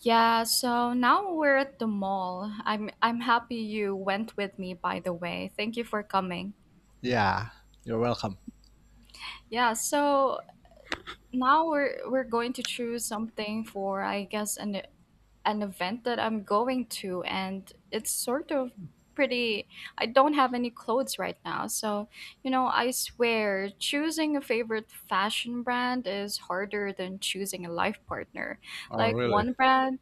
Yeah, so now we're at the mall. I'm happy you went with me by the way. Thank you for coming. Yeah, you're welcome. Yeah, so now we're going to choose something for I guess an event that I'm going to and it's sort of pretty. I don't have any clothes right now. So, I swear choosing a favorite fashion brand is harder than choosing a life partner. Oh, Like really? one brand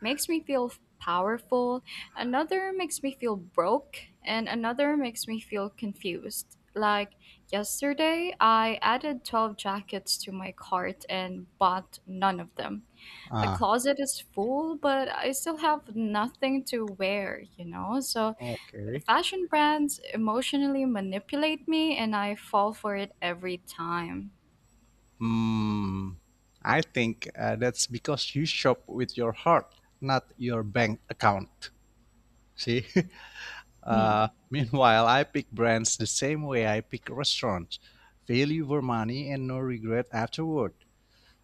makes me feel powerful, another makes me feel broke, and another makes me feel confused. Like yesterday, I added 12 jackets to my cart and bought none of them. My Ah, closet is full, but I still have nothing to wear, you know? So Okay. fashion brands emotionally manipulate me and I fall for it every time. Hmm, I think that's because you shop with your heart, not your bank account. See? Hmm. Meanwhile, I pick brands the same way I pick restaurants, value for money and no regret afterward.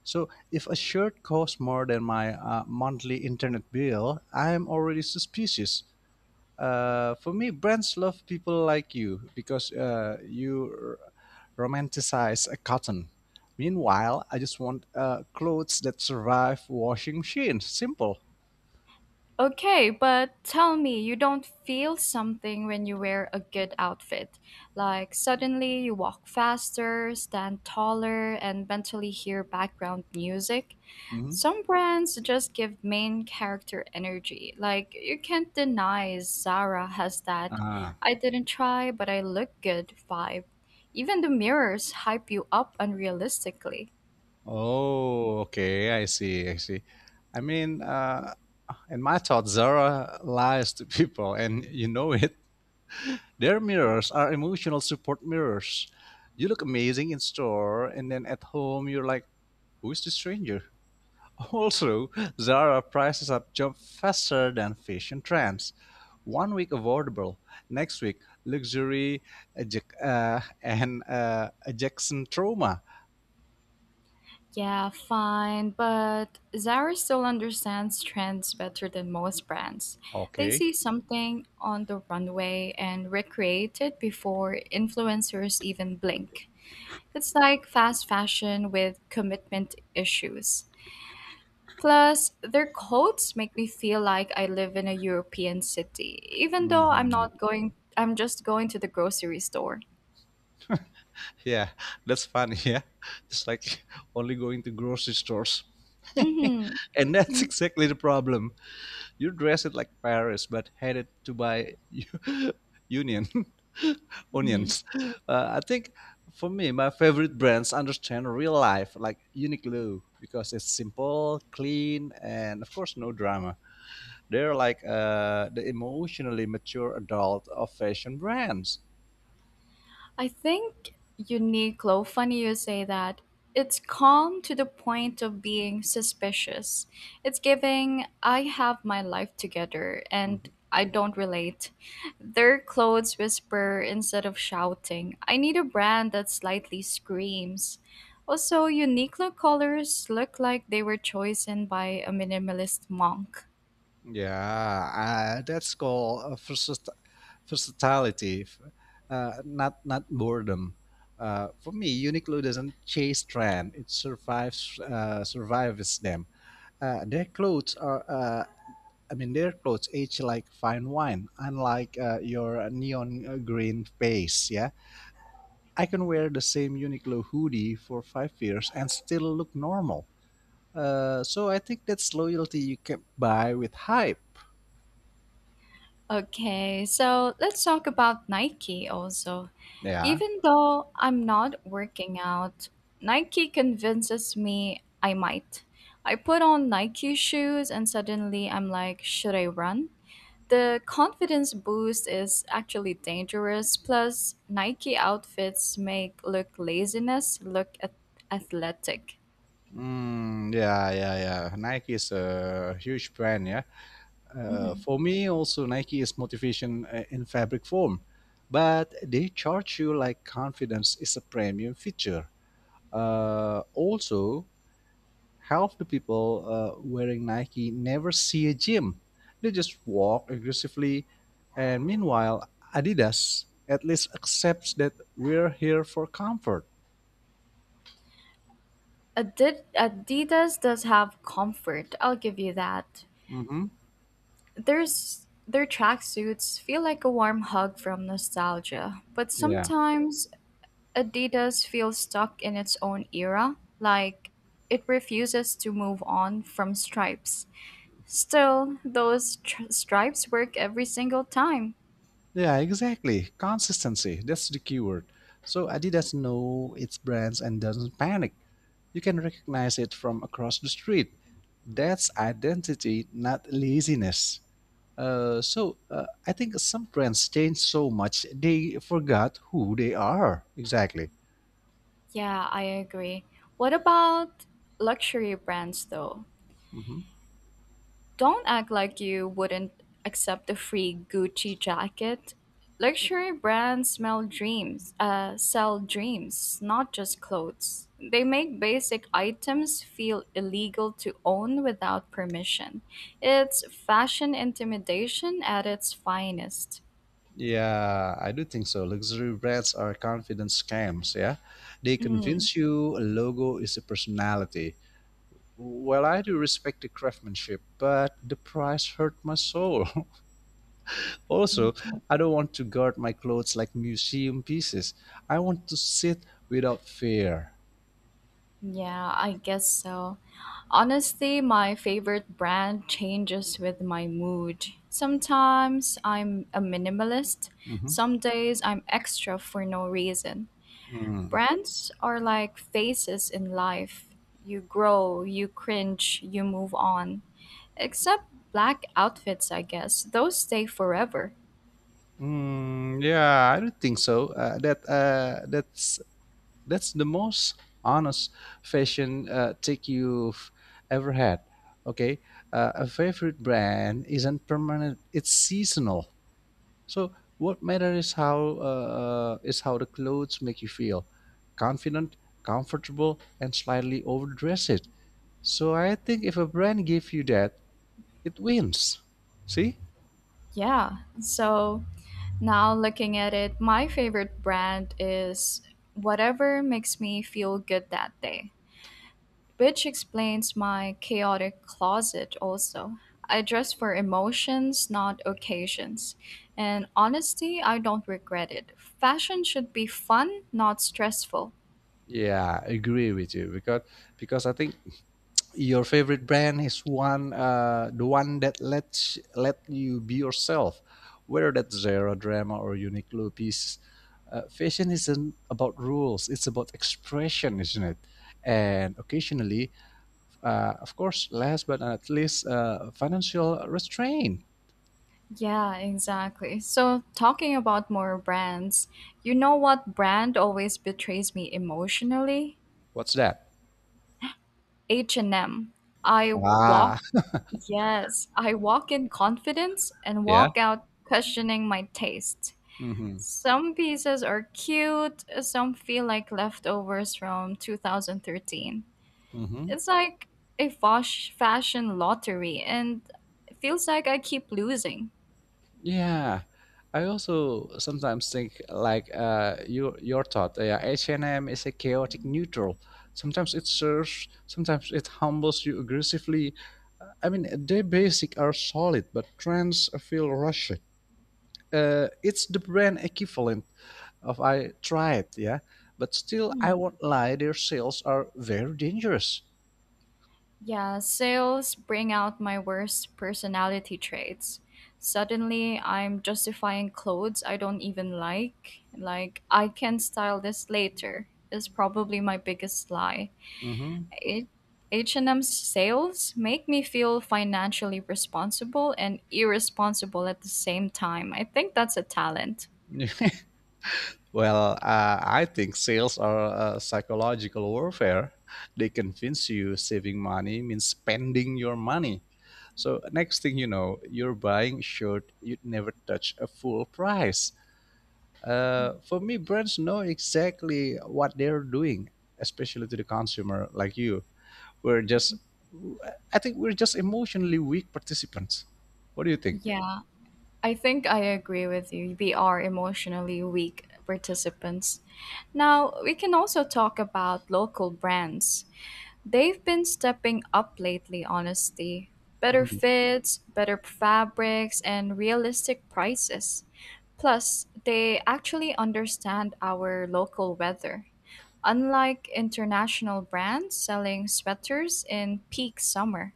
So, if a shirt costs more than my monthly internet bill, I am already suspicious. For me, brands love people like you because you romanticize a cotton. Meanwhile, I just want clothes that survive washing machines. Simple. Okay, but tell me, you don't feel something when you wear a good outfit. Like suddenly you walk faster, stand taller, and mentally hear background music. hmm Some brands just give main character energy. Like you can't deny Zara has that Ah. I didn't try, but I look good vibe. Even the mirrors hype you up unrealistically. Oh, okay. I see. I see. I mean, uh, And my thought, Zara lies to people, and you know it. Their mirrors are emotional support mirrors. You look amazing in store, and then at home, you're like, who's this stranger? Also, Zara prices up jump faster than fashion trends. One week affordable, next week luxury, and ejection trauma. Yeah, fine, but Zara still understands trends better than most brands. They Okay. see something on the runway and recreate it before influencers even blink. It's like fast fashion with commitment issues. Plus, their coats make me feel like I live in a European city, even though I'm Mm-hmm. not going, I'm just going to the grocery store. Yeah, that's funny. Yeah, it's like only going to grocery stores. Mm-hmm. And that's exactly the problem. You dress it like Paris, but headed to buy union Mm-hmm. onions. I think for me, my favorite brands understand real life, like Uniqlo, because it's simple, clean, and of course, no drama. They're like the emotionally mature adult of fashion brands. I think Uniqlo, funny you say that. It's calm to the point of being suspicious. It's giving, I have my life together and Mhm. I don't relate. Their clothes whisper instead of shouting. I need a brand that slightly screams. Also, Uniqlo colors look like they were chosen by a minimalist monk. Yeah, that's called versatility, not boredom. For me, Uniqlo doesn't chase trend; it survives them. Uh, their clothes are, uh, I mean, their clothes age like fine wine, unlike your neon green face. Yeah, I can wear the same Uniqlo hoodie for 5 years and still look normal. So I think that's loyalty you can buy with hype. Okay, so let's talk about Nike also. Yeah. Even though I'm not working out, Nike convinces me I might. I put on Nike shoes and suddenly I'm like, should I run? The confidence boost is actually dangerous. Plus, Nike outfits make look laziness look athletic. Yeah. Nike is a huge brand. Yeah. Mhm. For me, also Nike is motivation in fabric form, but they charge you like confidence is a premium feature. Also, half the people wearing Nike never see a gym. They just walk aggressively. And meanwhile, Adidas at least accepts that we're here for comfort. Adidas does have comfort. I'll give you that. hmm There's their tracksuits feel like a warm hug from nostalgia, but Yeah. sometimes Adidas feels stuck in its own era, like it refuses to move on from stripes. Still, those stripes work every single time. Yeah, exactly. Consistency. That's the keyword. So Adidas know its brands and doesn't panic. You can recognize it from across the street. That's identity, not laziness. So I think some brands change so much they forgot who they are exactly. Yeah, I agree. What about luxury brands though? hmm Don't act like you wouldn't accept a free Gucci jacket. Luxury brands sell dreams, not just clothes. They make basic items feel illegal to own without permission. It's fashion intimidation at its finest. Yeah, I do think so. Luxury brands are confidence scams. Yeah, they Mm. convince you a logo is a personality. Well, I do respect the craftsmanship, but the price hurt my soul. Also, I don't want to guard my clothes like museum pieces. I want to sit without fear. Yeah, I guess so. Honestly, my favorite brand changes with my mood. Sometimes I'm a minimalist, some days I'm extra for no reason. hmm Brands are like phases in life. You grow, you cringe, you move on. Except black outfits, I guess. Those stay forever. Mm, yeah, I don't think so. That's the most honest fashion take you've ever had. Okay, a favorite brand isn't permanent; it's seasonal. So what matters is how the clothes make you feel, confident, comfortable, and slightly overdressed. So I think if a brand gives you that, it wins. See? Yeah. So now looking at it, my favorite brand is whatever makes me feel good that day, which explains my chaotic closet also. I dress for emotions, not occasions. And honestly, I don't regret it. Fashion should be fun, not stressful. Yeah, I agree with you because I think your favorite brand is one the one that lets let you be yourself, whether that's Zara drama or Uniqlo piece. Fashion isn't about rules, it's about expression, isn't it? And occasionally, of course, last but not least, financial restraint. Yeah, exactly. So, talking about more brands, you know what brand always betrays me emotionally? What's that? H&M. I walk ah Yes, I walk in confidence and yeah walk out questioning my taste. mm-hmm. Some pieces are cute, some feel like leftovers from 2013. Mm-hmm. It's like a fosh fashion lottery, and it feels like I keep losing. Yeah, I also sometimes think like you your thought. Yeah, H and M is a chaotic neutral. Sometimes it serves, sometimes it humbles you aggressively. I mean, their basic are solid, but trends feel rushed. It's the brand equivalent of I tried, yeah. But still, Hmm. I won't lie, their sales are very dangerous. Yeah, sales bring out my worst personality traits. Suddenly, I'm justifying clothes I don't even like. Like, I can style this later is probably my biggest lie. hmm H- H&M's sales make me feel financially responsible and irresponsible at the same time. I think that's a talent. Well, I think sales are psychological warfare. They convince you saving money means spending your money. So, next thing you know, you're buying a shirt you'd never touch a full price. For me, brands know exactly what they're doing, especially to the consumer like you. We're just, I think we're just emotionally weak participants. What do you think? Yeah, I think I agree with you. We are emotionally weak participants. Now, we can also talk about local brands. They've been stepping up lately, honestly. Better Mm-hmm. fits, better fabrics, and realistic prices. Plus, they actually understand our local weather, unlike international brands selling sweaters in peak summer.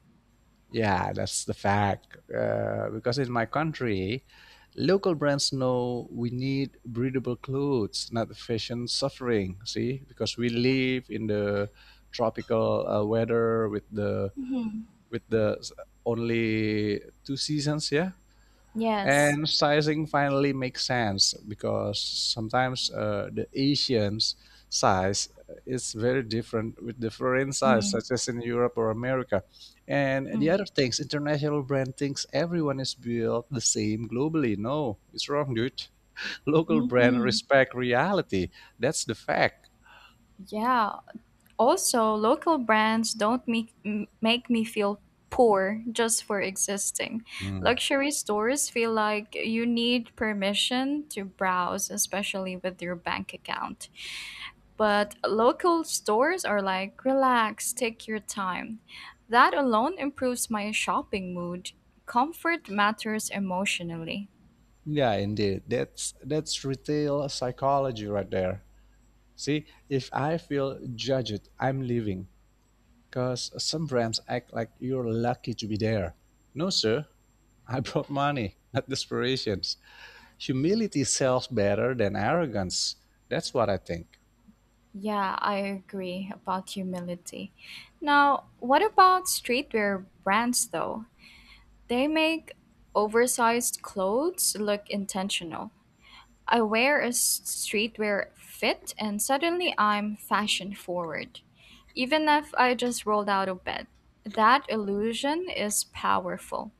Yeah, that's the fact. Because in my country, local brands know we need breathable clothes, not fashion suffering. See, because we live in the tropical weather with the Mhm. with the s- only two seasons. Yeah, Yes. and sizing finally makes sense because sometimes the Asians size is very different with the foreign size, Mm. such as in Europe or America. And the Mm. other things, international brand thinks everyone is built the same globally. No, it's wrong, dude. Local brand Hmm. respect reality. That's the fact. Yeah. Also, local brands don't make me feel poor just for existing. Hmm. Luxury stores feel like you need permission to browse, especially with your bank account. But local stores are like, relax, take your time. That alone improves my shopping mood. Comfort matters emotionally. Yeah, indeed. That's retail psychology right there. See, if I feel judged, I'm leaving. 'Cause some brands act like you're lucky to be there. No, sir. I brought money, not desperation. Humility sells better than arrogance. That's what I think. Yeah, I agree about humility. Now, what about streetwear brands though? They make oversized clothes look intentional. I wear a streetwear fit and suddenly I'm fashion forward, even if I just rolled out of bed. That illusion is powerful.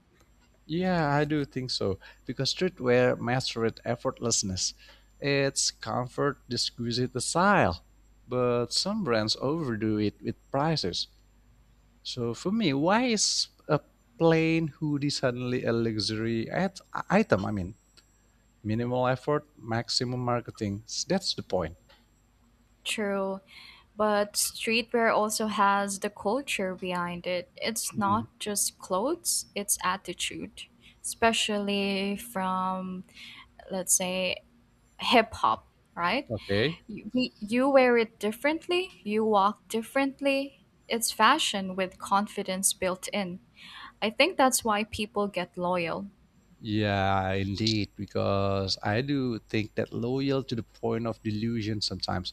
Yeah, I do think so. Because streetwear mastered effortlessness. It's comfort, exquisite style. But some brands overdo it with prices. So for me, why is a plain hoodie suddenly a item? I mean, minimal effort, maximum marketing. That's the point. True, but streetwear also has the culture behind it. It's not Mm, just clothes, it's attitude, especially from, let's say, hip hop, right? Okay. You, you wear it differently, you walk differently. It's fashion with confidence built in. I think that's why people get loyal. Yeah, indeed. Because I do think that loyal to the point of delusion sometimes.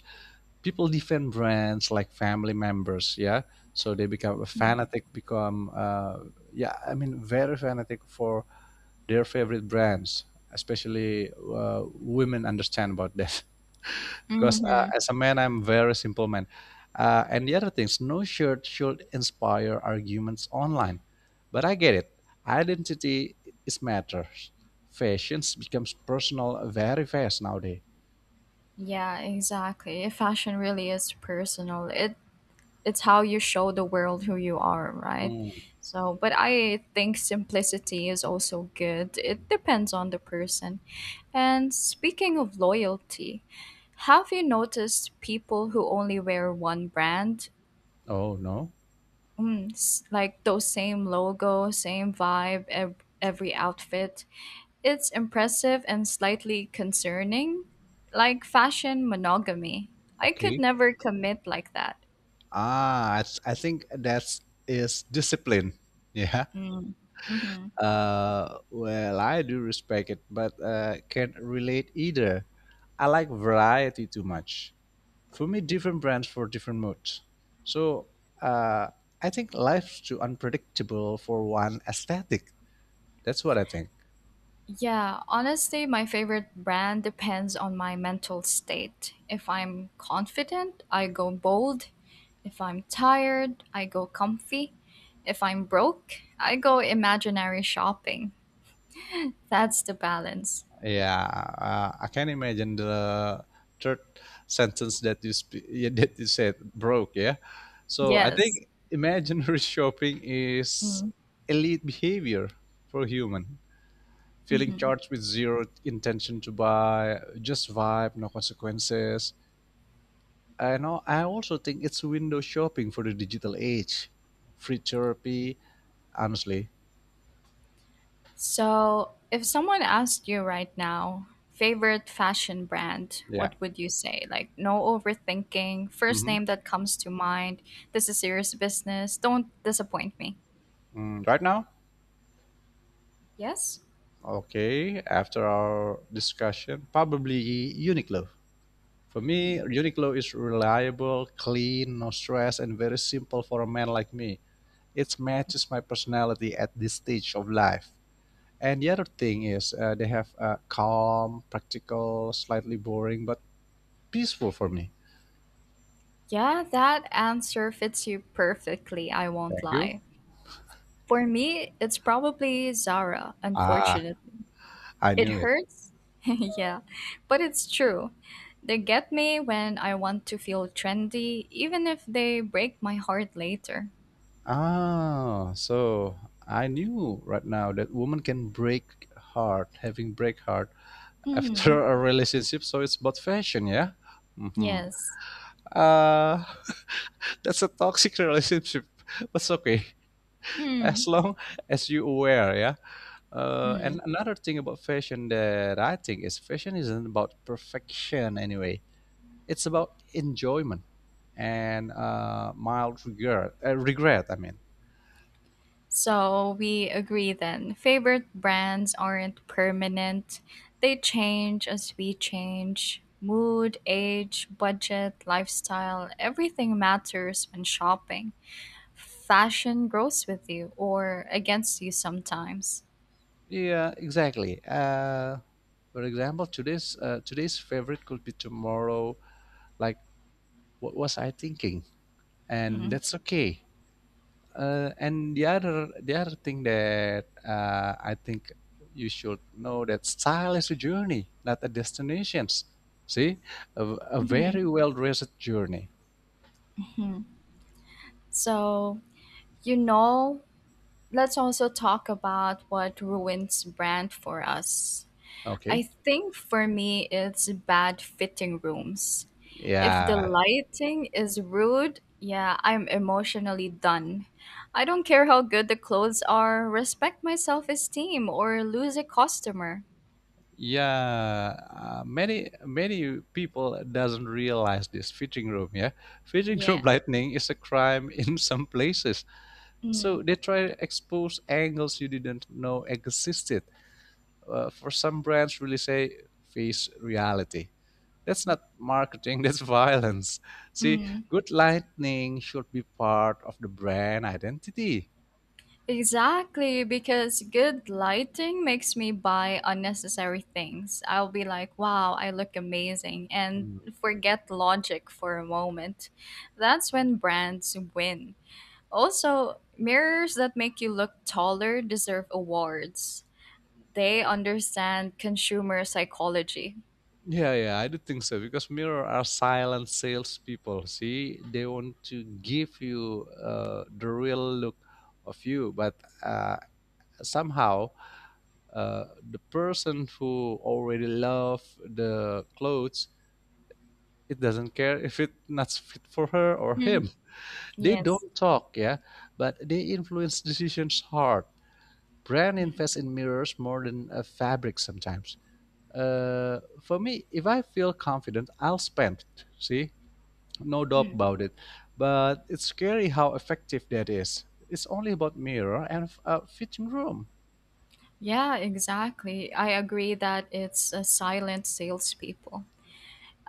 People defend brands like family members. Yeah. So they become a fanatic, I mean, very fanatic for their favorite brands, especially women understand about that. Because Mm-hmm. as a man, I'm very simple man. And the other things, no shirt should inspire arguments online. But I get it, identity is matters. Fashions becomes personal very fast nowadays. Yeah, exactly. Fashion really is personal. It's how you show the world who you are, right? Hmm. So, but I think simplicity is also good. It depends on the person. And speaking of loyalty, have you noticed people who only wear one brand? Oh no. Mm, like those same logo, same vibe, every outfit. It's impressive and slightly concerning, like fashion monogamy. I could Okay. never commit like that. I think that's is discipline. Yeah. Mm. Hmm. Well, I do respect it, but can't relate either. I like variety too much. For me, different brands for different moods. So, uh, I think life's too unpredictable for one aesthetic. That's what I think. Yeah, honestly, my favorite brand depends on my mental state. If I'm confident, I go bold. If I'm tired, I go comfy. If I'm broke, I go imaginary shopping. That's the balance. Yeah, I can imagine the third sentence that that you said broke. Yeah, so I Yes. think imaginary shopping is Mm. elite behavior for human, feeling Mm-hmm. charged with zero intention to buy, just vibe, no consequences. I know. I also think it's window shopping for the digital age, free therapy. Honestly, So, if someone asked you right now, favorite fashion brand, yeah. what would you say? Like, no overthinking, first hmm name that comes to mind. This is serious business. Don't disappoint me. Mm, right now, Yes? okay, after our discussion, probably Uniqlo. For Hmm. me, Uniqlo is reliable, clean, no stress, and very simple for a man like me. It matches my personality at this stage of life. And the other thing is, they have a calm, practical, slightly boring, but peaceful for me. Yeah, that answer fits you perfectly, I won't Thank you. lie. For me, it's probably Zara, Ah, unfortunately. I knew It it. hurts? Yeah, but it's true. They get me when I want to feel trendy, even if they break my heart later. Ah, so I knew right now that woman can break heart, having break heart Hmm. after a relationship, so it's about fashion, yeah. hmm Yes. Uh, that's a toxic relationship. That's okay Mm. as long as you aware, yeah. Mm. And another thing about fashion that I think is fashion isn't about perfection anyway. It's about enjoyment and mild regret. Regret, I mean. So we agree then. Favorite brands aren't permanent. They change as we change. Mood, age, budget, lifestyle, everything matters when shopping. Fashion grows with you or against you sometimes. Yeah, exactly. For example, today's favorite could be tomorrow. Like, what was I thinking? And Mm. that's okay. And the other thing that I think you should know, that style is a journey, not a destination. See, a Mhm. very well dressed journey. Mhm. So, you know, let's also talk about what ruins brand for us. I Okay. think for me, it's bad fitting rooms. If the Yeah. lighting is rude, yeah, I'm emotionally done. I don't care how good the clothes are, respect my self esteem or lose a customer. Yeah. Many people doesn't realize this fitting room. Yeah, fitting Yeah. room lightning is a crime in some places. Mm. So they try to expose angles you didn't know existed. For some brands, really say face reality. That's not marketing, that's violence. See, Mm. good lightning should be part of the brand identity. Exactly, because good lighting makes me buy unnecessary things. I'll be like, wow, I look amazing, and Mm. forget logic for a moment. That's when brands win. Also, mirrors that make you look taller deserve awards. They understand consumer psychology. Yeah, I do think so, because mirror are silent salespeople. See, they want to give you the real look of you, but uh, somehow the person who already love the clothes, it doesn't care if it not fit for her or Mm, him. They yes. don't talk, yeah, but they influence decisions hard. Brand invests in mirrors more than a fabric sometimes. For me, if I feel confident, I'll spend. See, no doubt Mhm. about it. But it's scary how effective that is. It's only about mirror and a fitting room. Yeah, exactly. I agree that it's a silent salespeople.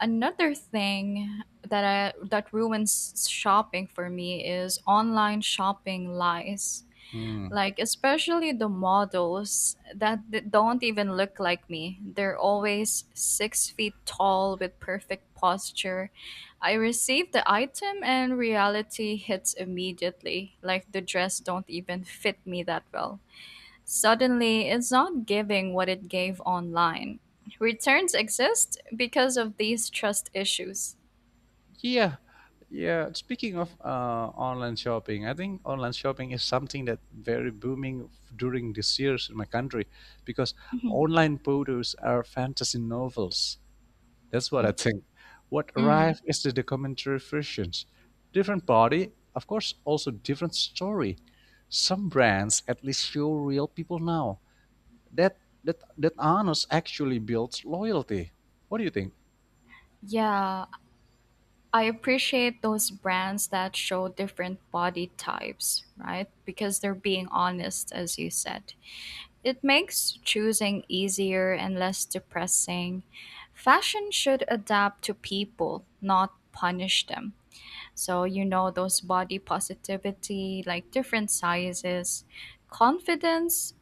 Another thing that that ruins shopping for me is online shopping lies. Hmm. Like, especially the models that don't even look like me. They're always 6 feet tall with perfect posture. I receive the item and reality hits immediately. Like, the dress don't even fit me that well. Suddenly, it's not giving what it gave online. Returns exist because of these trust issues. Yeah, yeah. Speaking of online shopping, I think online shopping is something that very during this years in my country, because online photos are fantasy novels. That's what I Mm. think. What Mm. arrive is the documentary versions, different body, of course, also different story. Some brands at least show real people now. That honest actually builds loyalty. What do you think? Yeah, I appreciate those brands that show different body types, right? Because they're being honest, as you said. It makes choosing easier and less depressing. Fashion should adapt to people, not punish them. So, those body positivity, like different sizes, confidence,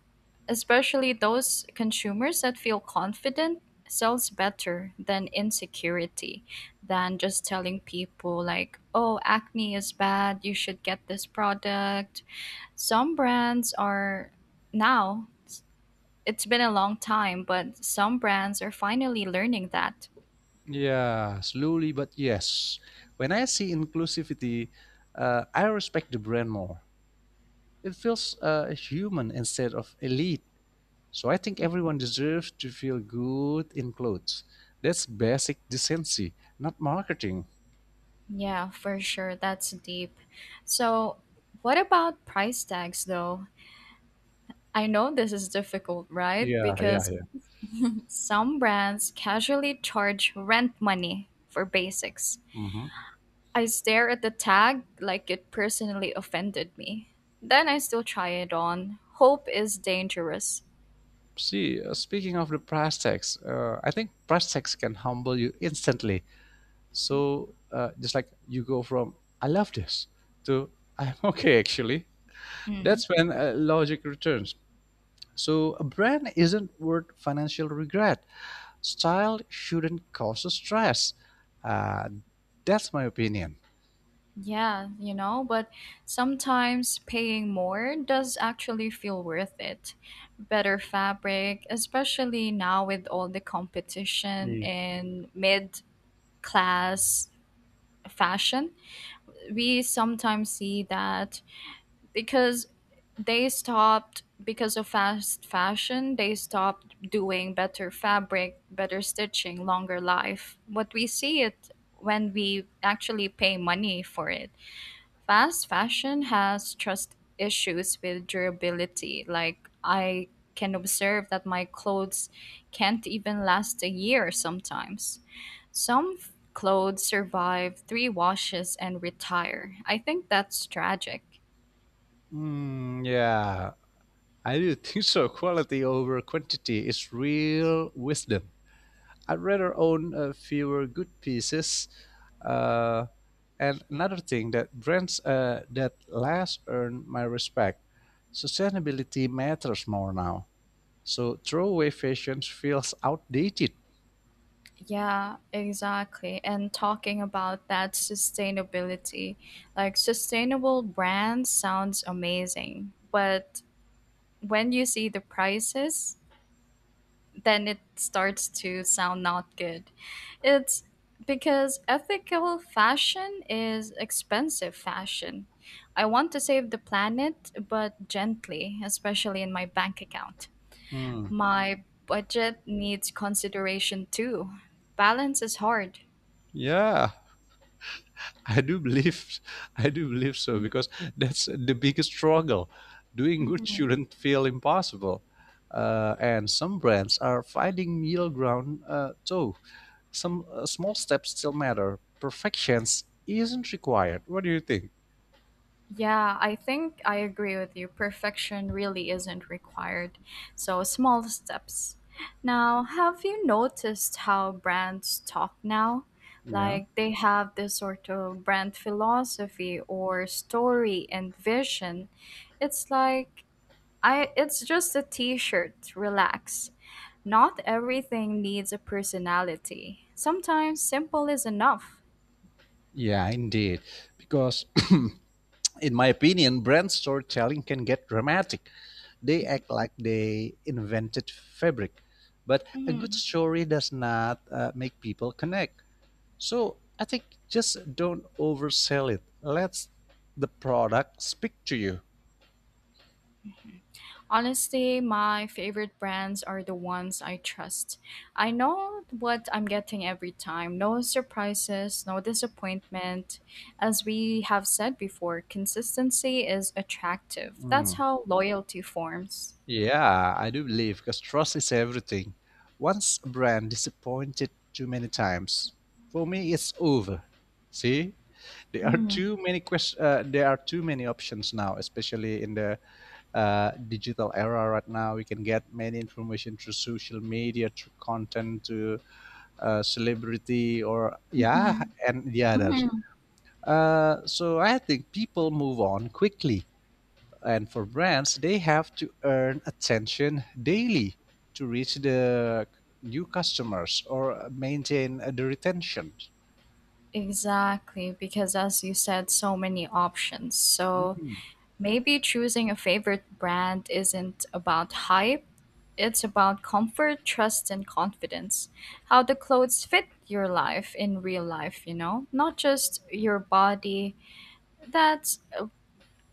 especially those consumers that feel confident sells better than insecurity, than just telling people, like, oh, acne is bad, you should get this product. Some brands are now, it's been a long time, but some brands are finally learning that. Yeah, slowly but yes. When I see inclusivity, I respect the brand more. It feels human instead of elite. So I think everyone deserves to feel good in clothes. That's basic decency, not marketing. Yeah, for sure. That's deep. So, what about price tags though? I know this is difficult, right? Yeah, yeah, Because yeah. some brands casually charge rent money for basics. hmm I stare at the tag like it personally offended me. Then I still try it on. Hope is dangerous. See, speaking of the price tags, I think price tags can humble you instantly. So just like you go from "I love this" to "I'm okay actually." Mm. That's when logic returns. So a brand isn't worth financial regret. Style shouldn't cause stress. Uh, that's my opinion. Yeah, you know, but sometimes paying more does actually feel worth it. Better fabric, especially now with all the competition Yeah. in mid class fashion. We sometimes see that because they stopped, because of fast fashion they stopped doing better fabric, better stitching, longer life, what we see it when we actually pay money for it. Fast fashion has trust issues with durability. Like, I can observe that my clothes can't even last a year sometimes. Some clothes survive three washes and retire. I think that's tragic. Mm, yeah, I do think so. Quality over quantity is real wisdom. I'd rather own fewer good pieces. Uh, and another thing, that brands that last earn my respect. Sustainability matters more now. So throwaway fashions feels outdated. Yeah, exactly. And talking about that sustainability, like sustainable brands sounds amazing, but when you see the prices, then it starts to sound not good. It's because ethical fashion is expensive fashion. I want to save the planet, but gently, especially in my bank account. Hmm. My budget needs consideration too. Balance is hard. Yeah, I do believe, I do believe so, because that's the biggest struggle. Doing good Mhm. shouldn't feel impossible, and some brands are finding middle ground too. Some small steps still matter. Perfections isn't required. What do you think? Yeah, I think I agree with you. Perfection really isn't required. So, small steps. Now, have you noticed how brands talk now? Yeah. Like, they have this sort of brand philosophy or story and vision. It's like, I, it's just a t shirt, relax. Not everything needs a personality. Sometimes simple is enough. Yeah, indeed. Because, in my opinion, brand storytelling can get dramatic. They act like they invented fabric. But a good story does not make people connect. So I think just don't oversell it. Let the product speak to you. Honestly, my favorite brands are the ones I trust. I know what I'm getting every time. No surprises, no disappointment. As we have said before, consistency is attractive. That's Hmm. how loyalty forms. Yeah, I do believe, because trust is everything. Once a brand disappointed too many times, for me it's over. See, there are Mm. There are too many options now, especially in the digital era. Right now, we can get many information through social media, through content, to celebrity, or yeah, Mhm. and the others. Mhm. So I think people move on quickly, and for brands, they have to earn attention daily to reach the new customers or maintain the retention. Exactly, because as you said, so many options. So Mm. maybe choosing a favorite brand isn't about hype, it's about comfort, trust, and confidence. How the clothes fit your life in real life, you know? Not just your body. That's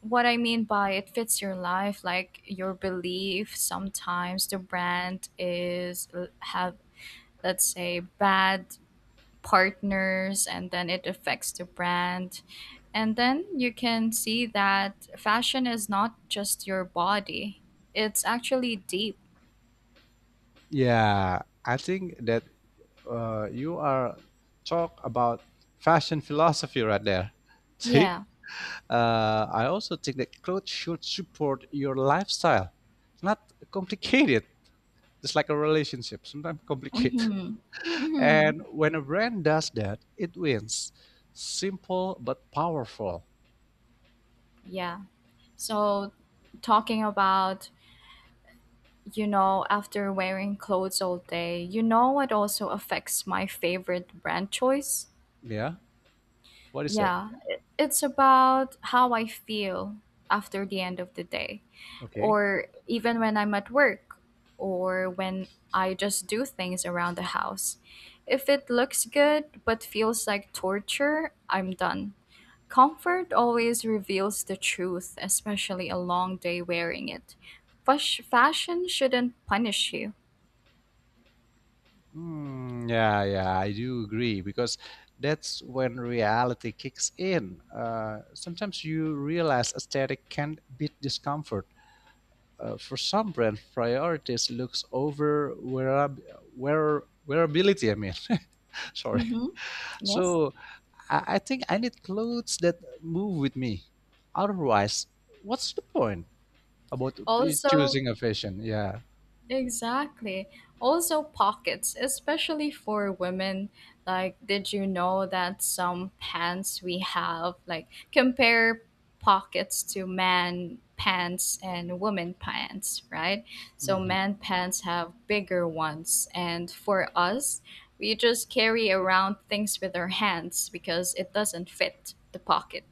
what I mean by it fits your life, like your belief. Sometimes the brand is have, let's say, bad partners and then it affects the brand. And then you can see that fashion is not just your body, it's actually deep. Yeah, I think that you are talk about fashion philosophy right there. See, Yeah. I also think that clothes should support your lifestyle, not complicate it. Just like a relationship, sometimes complicated. Mm-hmm. Mm-hmm. And when a brand does that, it wins. Simple but powerful. Yeah. So, talking about, after wearing clothes all day, you know what also affects my favorite brand choice? Yeah. What is that? Yeah, it's about how I feel after the end of the day, Okay. or even when I'm at work, or when I just do things around the house. If it looks good but feels like torture, I'm done. Comfort always reveals the truth, especially a long day wearing it. Fashion shouldn't punish you. Hmm. Yeah, yeah, I do agree because that's when reality kicks in. Sometimes you realize aesthetic can't beat discomfort. For some brand, priorities looks over wearability. I mean, sorry. Mm-hmm. Yes. So I think I need clothes that move with me. Otherwise, what's the point? About Also, choosing a fashion. Yeah. exactly. Also, pockets, especially for women. Like, did you know that some pants we have, like, compare pockets to man pants and woman pants, right? So, hmm man pants have bigger ones. And for us, we just carry around things with our hands because it doesn't fit the pocket.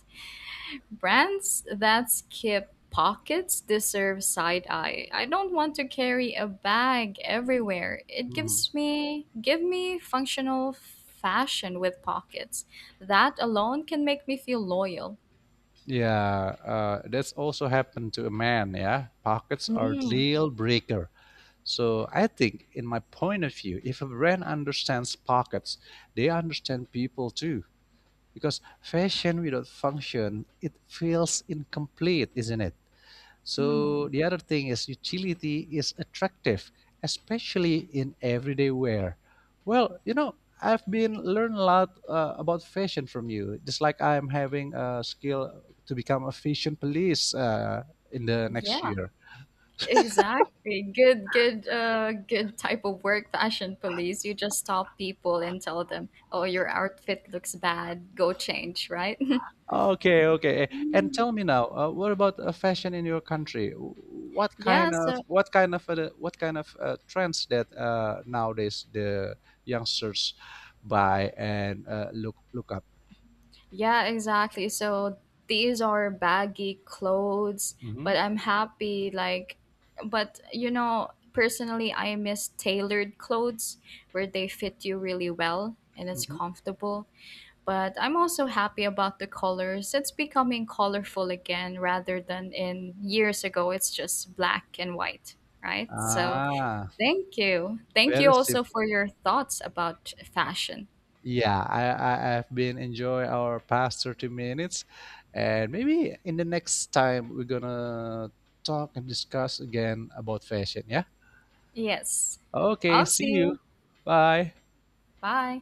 Brands that skip pockets deserve side eye. I don't want to carry a bag everywhere. It gives me give me functional fashion with pockets. That alone can make me feel loyal. Yeah. That's also happened to a man. Yeah. Pockets are Mm. deal breaker. So I think, in my point of view, if a brand understands pockets, they understand people too. Because fashion without function, it feels incomplete, isn't it? Mm. So the other thing is utility is attractive, especially in everyday wear. Well, you know, I've been learn a lot about fashion from you. Just like I'm having a skill to become a fashion police in the next Yeah, year. exactly. Good, good, good type of work, fashion police. You just stop people and tell them, "Oh, your outfit looks bad. Go change." Right? Okay, okay. And tell me now, what about fashion in your country? What Yeah. kind of So what kind of what kind of trends that nowadays the youngsters buy and look up? yeah, exactly. So these are baggy clothes, Mhm. but I'm happy, like but personally I miss tailored clothes where they fit you really well and it's Mhm. comfortable. But I'm also happy about the colors. It's becoming colorful again rather than in years ago it's just black and white, right? So, Ah, thank you. Thank you very also for simple. your thoughts about fashion. Yeah, I, I've been enjoy our past 30 minutes and maybe in the next time we're gonna talk and discuss again about fashion, yeah? Yes. Okay, I'll see see you. you. Bye. Bye.